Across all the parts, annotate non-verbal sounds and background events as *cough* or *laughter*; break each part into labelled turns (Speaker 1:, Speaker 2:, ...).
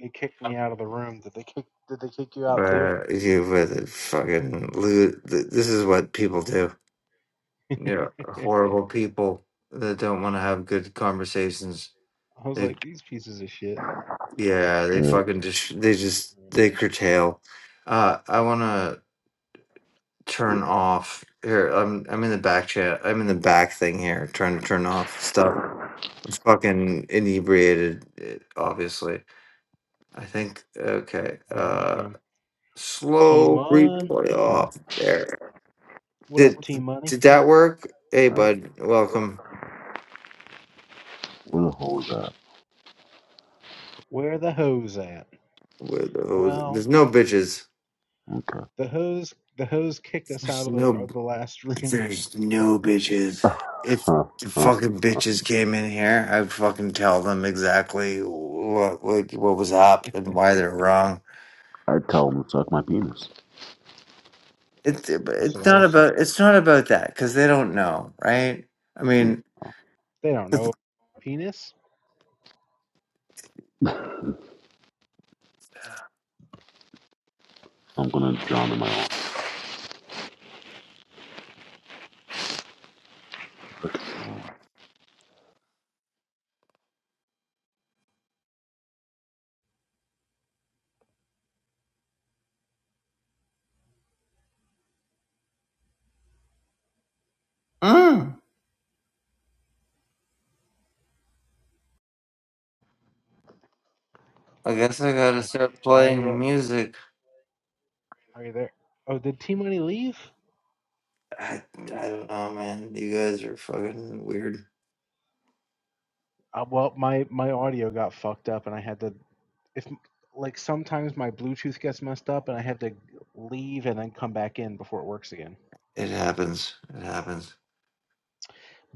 Speaker 1: they kicked me out of the room. Did they kick? Did they kick you out too?
Speaker 2: But you with fucking loot. th- This is what people do.
Speaker 1: *laughs*
Speaker 2: They're
Speaker 1: I
Speaker 2: horrible people that don't want to have good conversations.
Speaker 1: was
Speaker 2: They
Speaker 1: like, these pieces of shit.
Speaker 2: yeah, they
Speaker 3: Yeah.
Speaker 2: fucking just they
Speaker 1: Kick
Speaker 2: just
Speaker 1: me right
Speaker 2: they curtail. Uh, I want to turn off here. I'm I'm in the back chat. I'm in the back thing here, trying to turn off stuff. I'm fucking inebriated, eh, obviously. I think okay.
Speaker 1: out. I know that
Speaker 2: Uh,
Speaker 1: game. T
Speaker 2: slow
Speaker 1: Mon,
Speaker 2: replay
Speaker 3: Uh,
Speaker 2: off there.
Speaker 1: what up,
Speaker 2: Did
Speaker 1: T Money?
Speaker 2: did that work? Hey,
Speaker 3: uh,
Speaker 2: bud, welcome.
Speaker 3: we'll hold that.
Speaker 1: Where the hose at?
Speaker 2: With- oh,
Speaker 1: Well,
Speaker 2: There's no bitches.
Speaker 3: Okay.
Speaker 1: the hose, the hose kicked us
Speaker 2: There's
Speaker 1: out of the
Speaker 2: no.
Speaker 1: of the last *laughs* room.
Speaker 2: There's no bitches.
Speaker 3: *laughs*
Speaker 2: If the fucking bitches came in here, I'd fucking tell them exactly what what, what was up and why they're wrong.
Speaker 3: I tell him to suck my penis.
Speaker 2: It's
Speaker 1: That's
Speaker 2: it's
Speaker 1: what I
Speaker 2: not
Speaker 1: always said.
Speaker 2: about it's not about that because they don't know, right? I
Speaker 3: Yeah,
Speaker 2: mean,
Speaker 1: They don't
Speaker 2: it's-
Speaker 1: know penis.
Speaker 3: I'm gonna drown in my own.
Speaker 2: Mm. I guess I gotta
Speaker 1: Okay,
Speaker 2: start
Speaker 1: my
Speaker 2: playing
Speaker 1: uh,
Speaker 2: music.
Speaker 1: are you there? Oh, did T Money leave?
Speaker 2: I I don't know, man. You guys are fucking weird.
Speaker 1: Uh, well, my my audio got fucked up, and I had to if like sometimes my Bluetooth gets messed up and I have to leave and then come back in before it works again.
Speaker 2: It happens. It happens.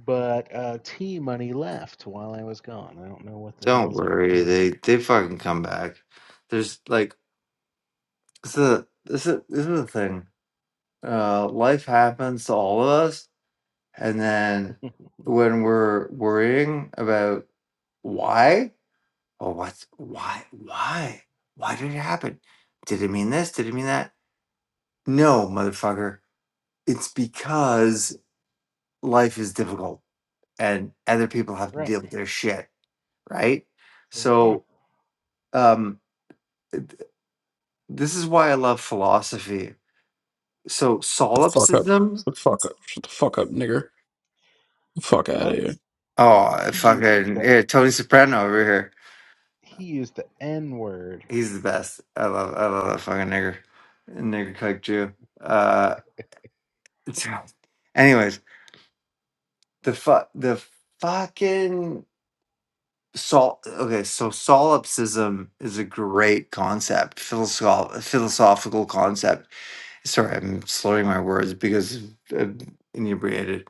Speaker 1: But uh, T Money left while I was gone. I don't know what the hell
Speaker 2: Don't
Speaker 1: is up with
Speaker 2: worry.
Speaker 1: him.
Speaker 2: They they fucking come back. There's like this is the this is this is the thing. Uh, life happens to all of us, and then
Speaker 1: *laughs*
Speaker 2: when we're worrying about why, oh, what's why, why, why did it happen? Did it mean this? Did it mean that? No, motherfucker. It's because life is difficult, and other people have to
Speaker 1: right
Speaker 2: deal with their shit, right?
Speaker 1: there, you go.
Speaker 2: So, um. This is why I love philosophy. So
Speaker 4: The fuck up.
Speaker 2: solipsism.
Speaker 4: The fuck up. Shut the fuck up, nigger. The fuck out of
Speaker 1: Oh,
Speaker 4: here.
Speaker 2: Oh,
Speaker 1: he used
Speaker 2: fucking
Speaker 1: the
Speaker 2: yeah, Tony Soprano over here.
Speaker 1: he used the N word.
Speaker 2: He's the best. I love, I love that fucking nigger, nigger cuck Jew. Uh, *laughs* anyways, the fu- the fucking sol. Okay, so solipsism is a great concept, philosoph- philosophical concept sorry, I'm slurring my words because I'm inebriated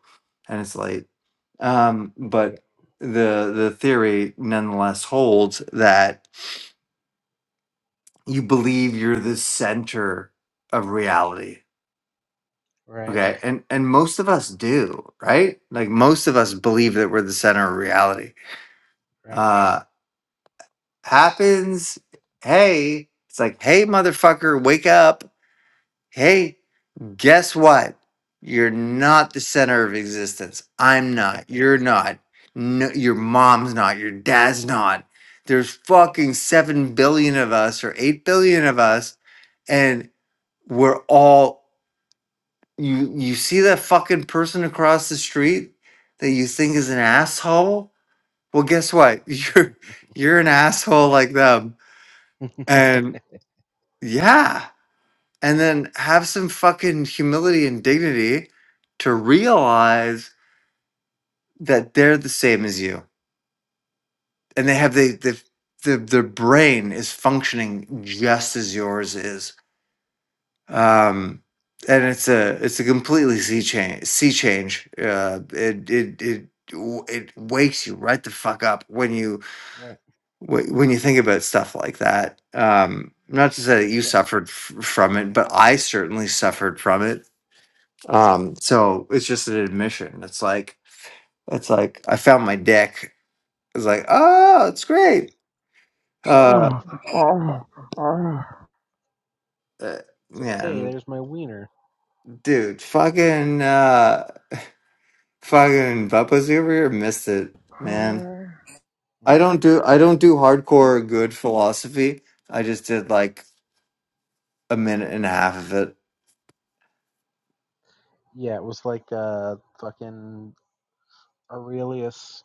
Speaker 2: and it's late. Um,
Speaker 1: I get
Speaker 2: but
Speaker 1: it.
Speaker 2: the the theory nonetheless holds that you believe you're the center of reality.
Speaker 1: Right,
Speaker 2: Okay, and and most of us do, right? Like most of us believe that we're the center of reality.
Speaker 1: right,
Speaker 2: Uh, happens. Hey, it's like, hey, motherfucker, wake up. Hey, Guess what? You're not the center of existence. I'm not. You're not. No, your mom's not. Your dad's not. There's fucking 7 billion of us or 8 billion of us and we're all you you see that fucking person across the street that you think is an asshole? Well, guess what? *laughs* You're you're an asshole like them.
Speaker 1: *laughs*
Speaker 2: And yeah, and then have some fucking humility and dignity to realize that they're the same as you and they have the the the, their brain is functioning just as yours is um and it's a it's a completely sea change sea change uh it it it it wakes you right the fuck up when you
Speaker 1: right,
Speaker 2: wh- when you think about stuff like that um not to say that you
Speaker 1: right.
Speaker 2: suffered f- from it but i certainly suffered from it um so it's just an admission it's like it's like i found my dick it's like oh it's great Uh,
Speaker 5: Oh, oh, oh,
Speaker 2: uh,
Speaker 1: It's like, hey,
Speaker 2: man,
Speaker 1: there's my wiener.
Speaker 2: dude, fucking, uh, fucking Bubba's over here missed it, man.
Speaker 5: oh.
Speaker 2: I don't do, I don't do hardcore good philosophy. I just did like a minute and a half of it.
Speaker 1: Yeah, it was like uh fucking Aurelius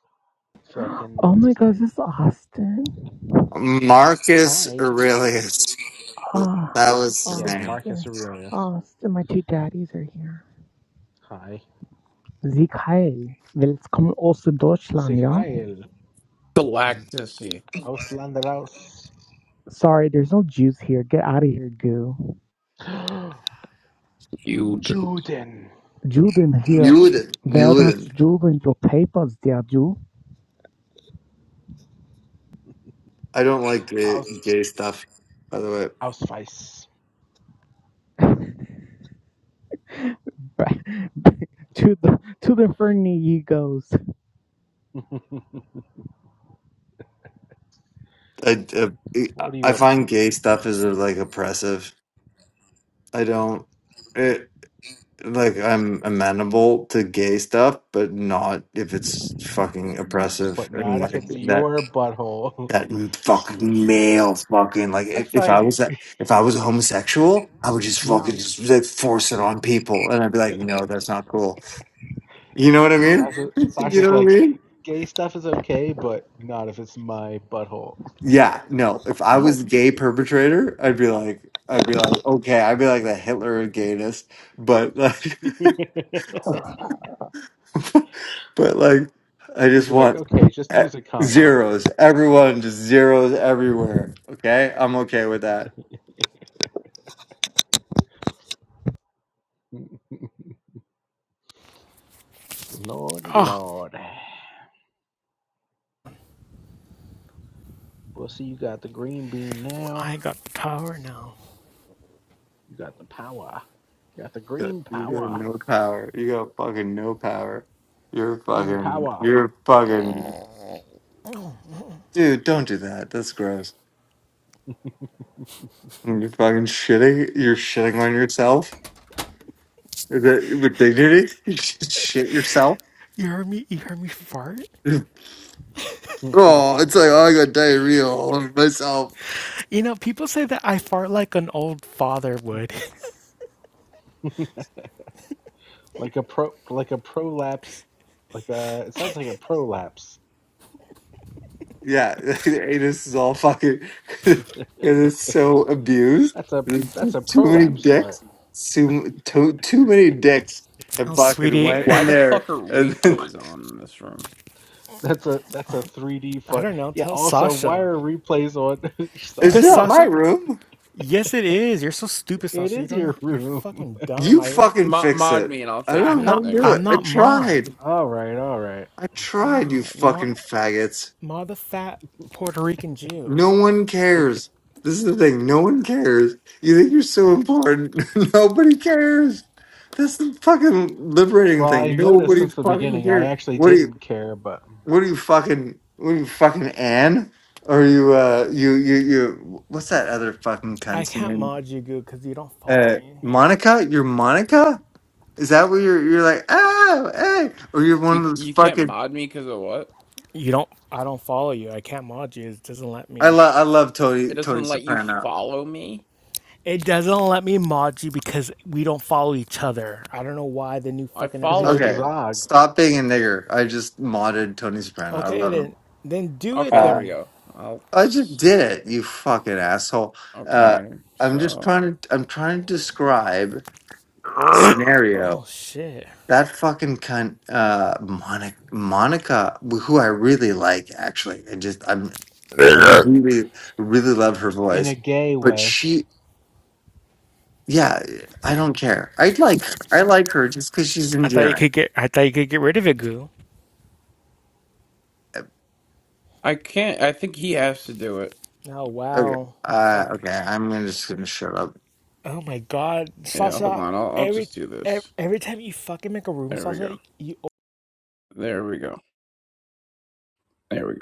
Speaker 1: fucking
Speaker 5: Oh
Speaker 1: what's
Speaker 5: my
Speaker 1: his
Speaker 5: gosh,
Speaker 1: name?
Speaker 5: this is Austin.
Speaker 2: Marcus
Speaker 1: Hi.
Speaker 2: Aurelius,
Speaker 5: Ah,
Speaker 2: that was his
Speaker 1: Yeah,
Speaker 2: name.
Speaker 1: Marcus
Speaker 5: Austin.
Speaker 1: Aurelius.
Speaker 5: Austin, my two daddies are here.
Speaker 1: Hi.
Speaker 5: Sie Kyle. Willkommen aus Deutschland,
Speaker 1: Sig
Speaker 5: ja?
Speaker 1: heil.
Speaker 4: Galactus.
Speaker 1: Ausländer *gasps*
Speaker 5: Sorry, there's no Jews here. Get out of here, goo.
Speaker 4: You. d-
Speaker 1: Juden.
Speaker 5: Juden here.
Speaker 2: Euden,
Speaker 5: Wer das
Speaker 2: Euden.
Speaker 5: Juden your papers, der Jew?
Speaker 2: I don't like gay,
Speaker 1: Aus
Speaker 2: gay stuff. By the
Speaker 1: Ausweis.
Speaker 5: Back- back *laughs* to the to the furnace he goes.
Speaker 1: *laughs*
Speaker 2: way, I, I
Speaker 1: what are
Speaker 2: I
Speaker 1: you up to?
Speaker 2: find gay stuff is like oppressive. I don't. like I'm amenable to gay stuff, but not if it's fucking oppressive
Speaker 1: But
Speaker 2: and
Speaker 1: not if
Speaker 2: like
Speaker 1: it's
Speaker 2: that
Speaker 1: your butthole.
Speaker 2: that fucking male fucking like
Speaker 1: *laughs* I
Speaker 2: if, if I
Speaker 1: find
Speaker 2: was
Speaker 1: it-
Speaker 2: that if I was a homosexual, I would just
Speaker 5: Yeah.
Speaker 2: fucking just like force it on people and I'd be like, no, that's not cool. You know what I mean?
Speaker 1: Sasha
Speaker 2: *laughs* you
Speaker 1: Sasha's
Speaker 2: know what I
Speaker 1: like
Speaker 2: mean?
Speaker 1: gay stuff is okay, but not if it's my butthole.
Speaker 2: Yeah, no. If I was
Speaker 5: Ouch.
Speaker 2: a gay perpetrator, I'd be like I'd be like, okay, I'd be like the Hitler of gayness, but like
Speaker 1: *laughs*
Speaker 5: Oh,
Speaker 2: *laughs* but like I
Speaker 1: You'd
Speaker 2: just
Speaker 1: be like,
Speaker 2: want
Speaker 1: okay, just
Speaker 2: e-
Speaker 1: use a condom.
Speaker 2: zeros. Everyone just zeros everywhere. Okay, I'm okay with that.
Speaker 1: *laughs* Lordy, Lord. Well, you got the green bean now.
Speaker 5: I got the power now.
Speaker 1: You got the power. You got the
Speaker 2: Good.
Speaker 1: green
Speaker 2: You got
Speaker 1: power.
Speaker 2: no power. You got fucking no power. You're
Speaker 1: Green
Speaker 2: fucking.
Speaker 1: power.
Speaker 2: You're fucking. Dude, don't do that. That's gross. And You're fucking shitting. You're shitting on yourself. Is it with dignity? *laughs* You just shit yourself.
Speaker 5: You heard me. You heard me fart.
Speaker 2: *laughs*
Speaker 1: *laughs*
Speaker 2: Oh, it's like oh, I got diarrhea all over myself.
Speaker 5: You know, people say that I fart like an old father would.
Speaker 1: like a pro, like a prolapse, like a. It sounds like a prolapse.
Speaker 2: Yeah, *laughs* the anus is all fucking. *laughs* it is so abused.
Speaker 1: That's a
Speaker 2: There's
Speaker 1: that's a
Speaker 2: too many
Speaker 1: prolapse fart.
Speaker 2: dicks. Too, too, too many dicks
Speaker 5: *laughs*
Speaker 2: and
Speaker 5: oh,
Speaker 2: fucking
Speaker 5: sweetie,
Speaker 2: went
Speaker 4: Why
Speaker 2: in
Speaker 4: the
Speaker 2: there.
Speaker 4: fuck are
Speaker 2: And then,
Speaker 4: replays on in this room?
Speaker 1: That's a that's a 3D
Speaker 5: I
Speaker 1: fart.
Speaker 5: don't know.
Speaker 1: Yeah.
Speaker 5: Tell
Speaker 1: Also, why
Speaker 5: Sasha
Speaker 1: are replays on, *laughs*
Speaker 2: *laughs* it's
Speaker 5: because
Speaker 2: not
Speaker 1: Sasha?
Speaker 2: my
Speaker 5: Sasha.
Speaker 2: room.
Speaker 5: Yes, it is. You're so stupid,
Speaker 1: It
Speaker 5: Sasha. You
Speaker 1: is
Speaker 5: don't know.
Speaker 1: your
Speaker 5: You're
Speaker 1: room.
Speaker 5: fucking dumb.
Speaker 2: You
Speaker 5: I always.
Speaker 2: fucking
Speaker 4: Mo-
Speaker 2: fix
Speaker 4: mod me
Speaker 2: it.
Speaker 4: and I'll
Speaker 2: I
Speaker 4: fix
Speaker 5: I'm
Speaker 2: don't know
Speaker 4: it,
Speaker 2: how
Speaker 5: not.
Speaker 2: to do
Speaker 4: nigger.
Speaker 5: I'm
Speaker 2: it. I
Speaker 5: not mod.
Speaker 2: tried.
Speaker 1: *laughs* All right, all right.
Speaker 2: I tried, you
Speaker 5: God, Ma,
Speaker 2: fucking faggots.
Speaker 5: Ma the fat Puerto Rican Jew.
Speaker 2: No one cares. This is the thing. No one cares. You think you're so important. *laughs* Nobody cares. That's the fucking liberating
Speaker 1: Well,
Speaker 2: thing.
Speaker 1: I noticed
Speaker 2: Nobody
Speaker 1: since the
Speaker 2: fucking
Speaker 1: beginning I
Speaker 2: cares.
Speaker 1: actually
Speaker 2: What are you?
Speaker 1: didn't care, but
Speaker 2: What are you fucking? What are you fucking Anne? Or are you? Uh, you you you. What's that other fucking
Speaker 5: I
Speaker 2: cunt's
Speaker 5: can't
Speaker 2: name?
Speaker 5: mod you, good, because you don't follow
Speaker 2: Uh,
Speaker 5: me.
Speaker 2: Monica. You're Monica. Is that what you're? You're like oh hey, or you're one of
Speaker 4: You
Speaker 2: those
Speaker 4: you can't
Speaker 2: fucking.
Speaker 4: mod me because of what?
Speaker 5: You don't. I don't follow you. I can't mod you. It doesn't let
Speaker 2: I
Speaker 5: me.
Speaker 2: love I love
Speaker 4: It
Speaker 2: Tony Tony
Speaker 4: doesn't let you
Speaker 2: Soprano.
Speaker 4: follow me.
Speaker 5: It doesn't let me mod you because we don't follow each other. I don't know why the new
Speaker 4: I
Speaker 5: fucking
Speaker 1: because he's
Speaker 5: update.
Speaker 4: followed
Speaker 1: a
Speaker 2: Okay,
Speaker 4: you.
Speaker 1: Zog
Speaker 2: stop being a nigger. I just modded Tony Soprano. I
Speaker 5: Okay,
Speaker 2: love him.
Speaker 5: then then do it
Speaker 4: Okay, there
Speaker 2: Uh,
Speaker 4: we
Speaker 5: then.
Speaker 4: go. I'll.
Speaker 2: I just did it. You fucking asshole. Uh,
Speaker 4: Okay,
Speaker 2: I'm just
Speaker 4: so
Speaker 2: trying to. I'm trying to describe the
Speaker 5: *coughs*
Speaker 2: scenario.
Speaker 5: Oh shit.
Speaker 2: That fucking cunt, uh, Monica, Monica, who I really like, actually. I just, I'm, I
Speaker 5: I
Speaker 2: really, really love her
Speaker 1: in
Speaker 2: voice.
Speaker 1: a gay
Speaker 2: But
Speaker 1: way.
Speaker 2: she, yeah, I don't care. I like her. I like her just because she's
Speaker 5: thought you
Speaker 2: endearing.
Speaker 5: could get I thought you could get rid of it, goo.
Speaker 2: Uh,
Speaker 4: I can't. I think he has to do it.
Speaker 5: Oh
Speaker 2: Okay.
Speaker 5: wow.
Speaker 2: Uh,
Speaker 5: Fuck.
Speaker 2: okay. I'm gonna just gonna shut up.
Speaker 5: Oh my god.
Speaker 4: Yeah, hold
Speaker 5: Sasha,
Speaker 4: on. I'll I'll
Speaker 5: every
Speaker 4: just do
Speaker 5: every
Speaker 4: this.
Speaker 5: every time you fucking make a room,
Speaker 4: There we go.
Speaker 5: Sasha, you
Speaker 4: There we go. There we go.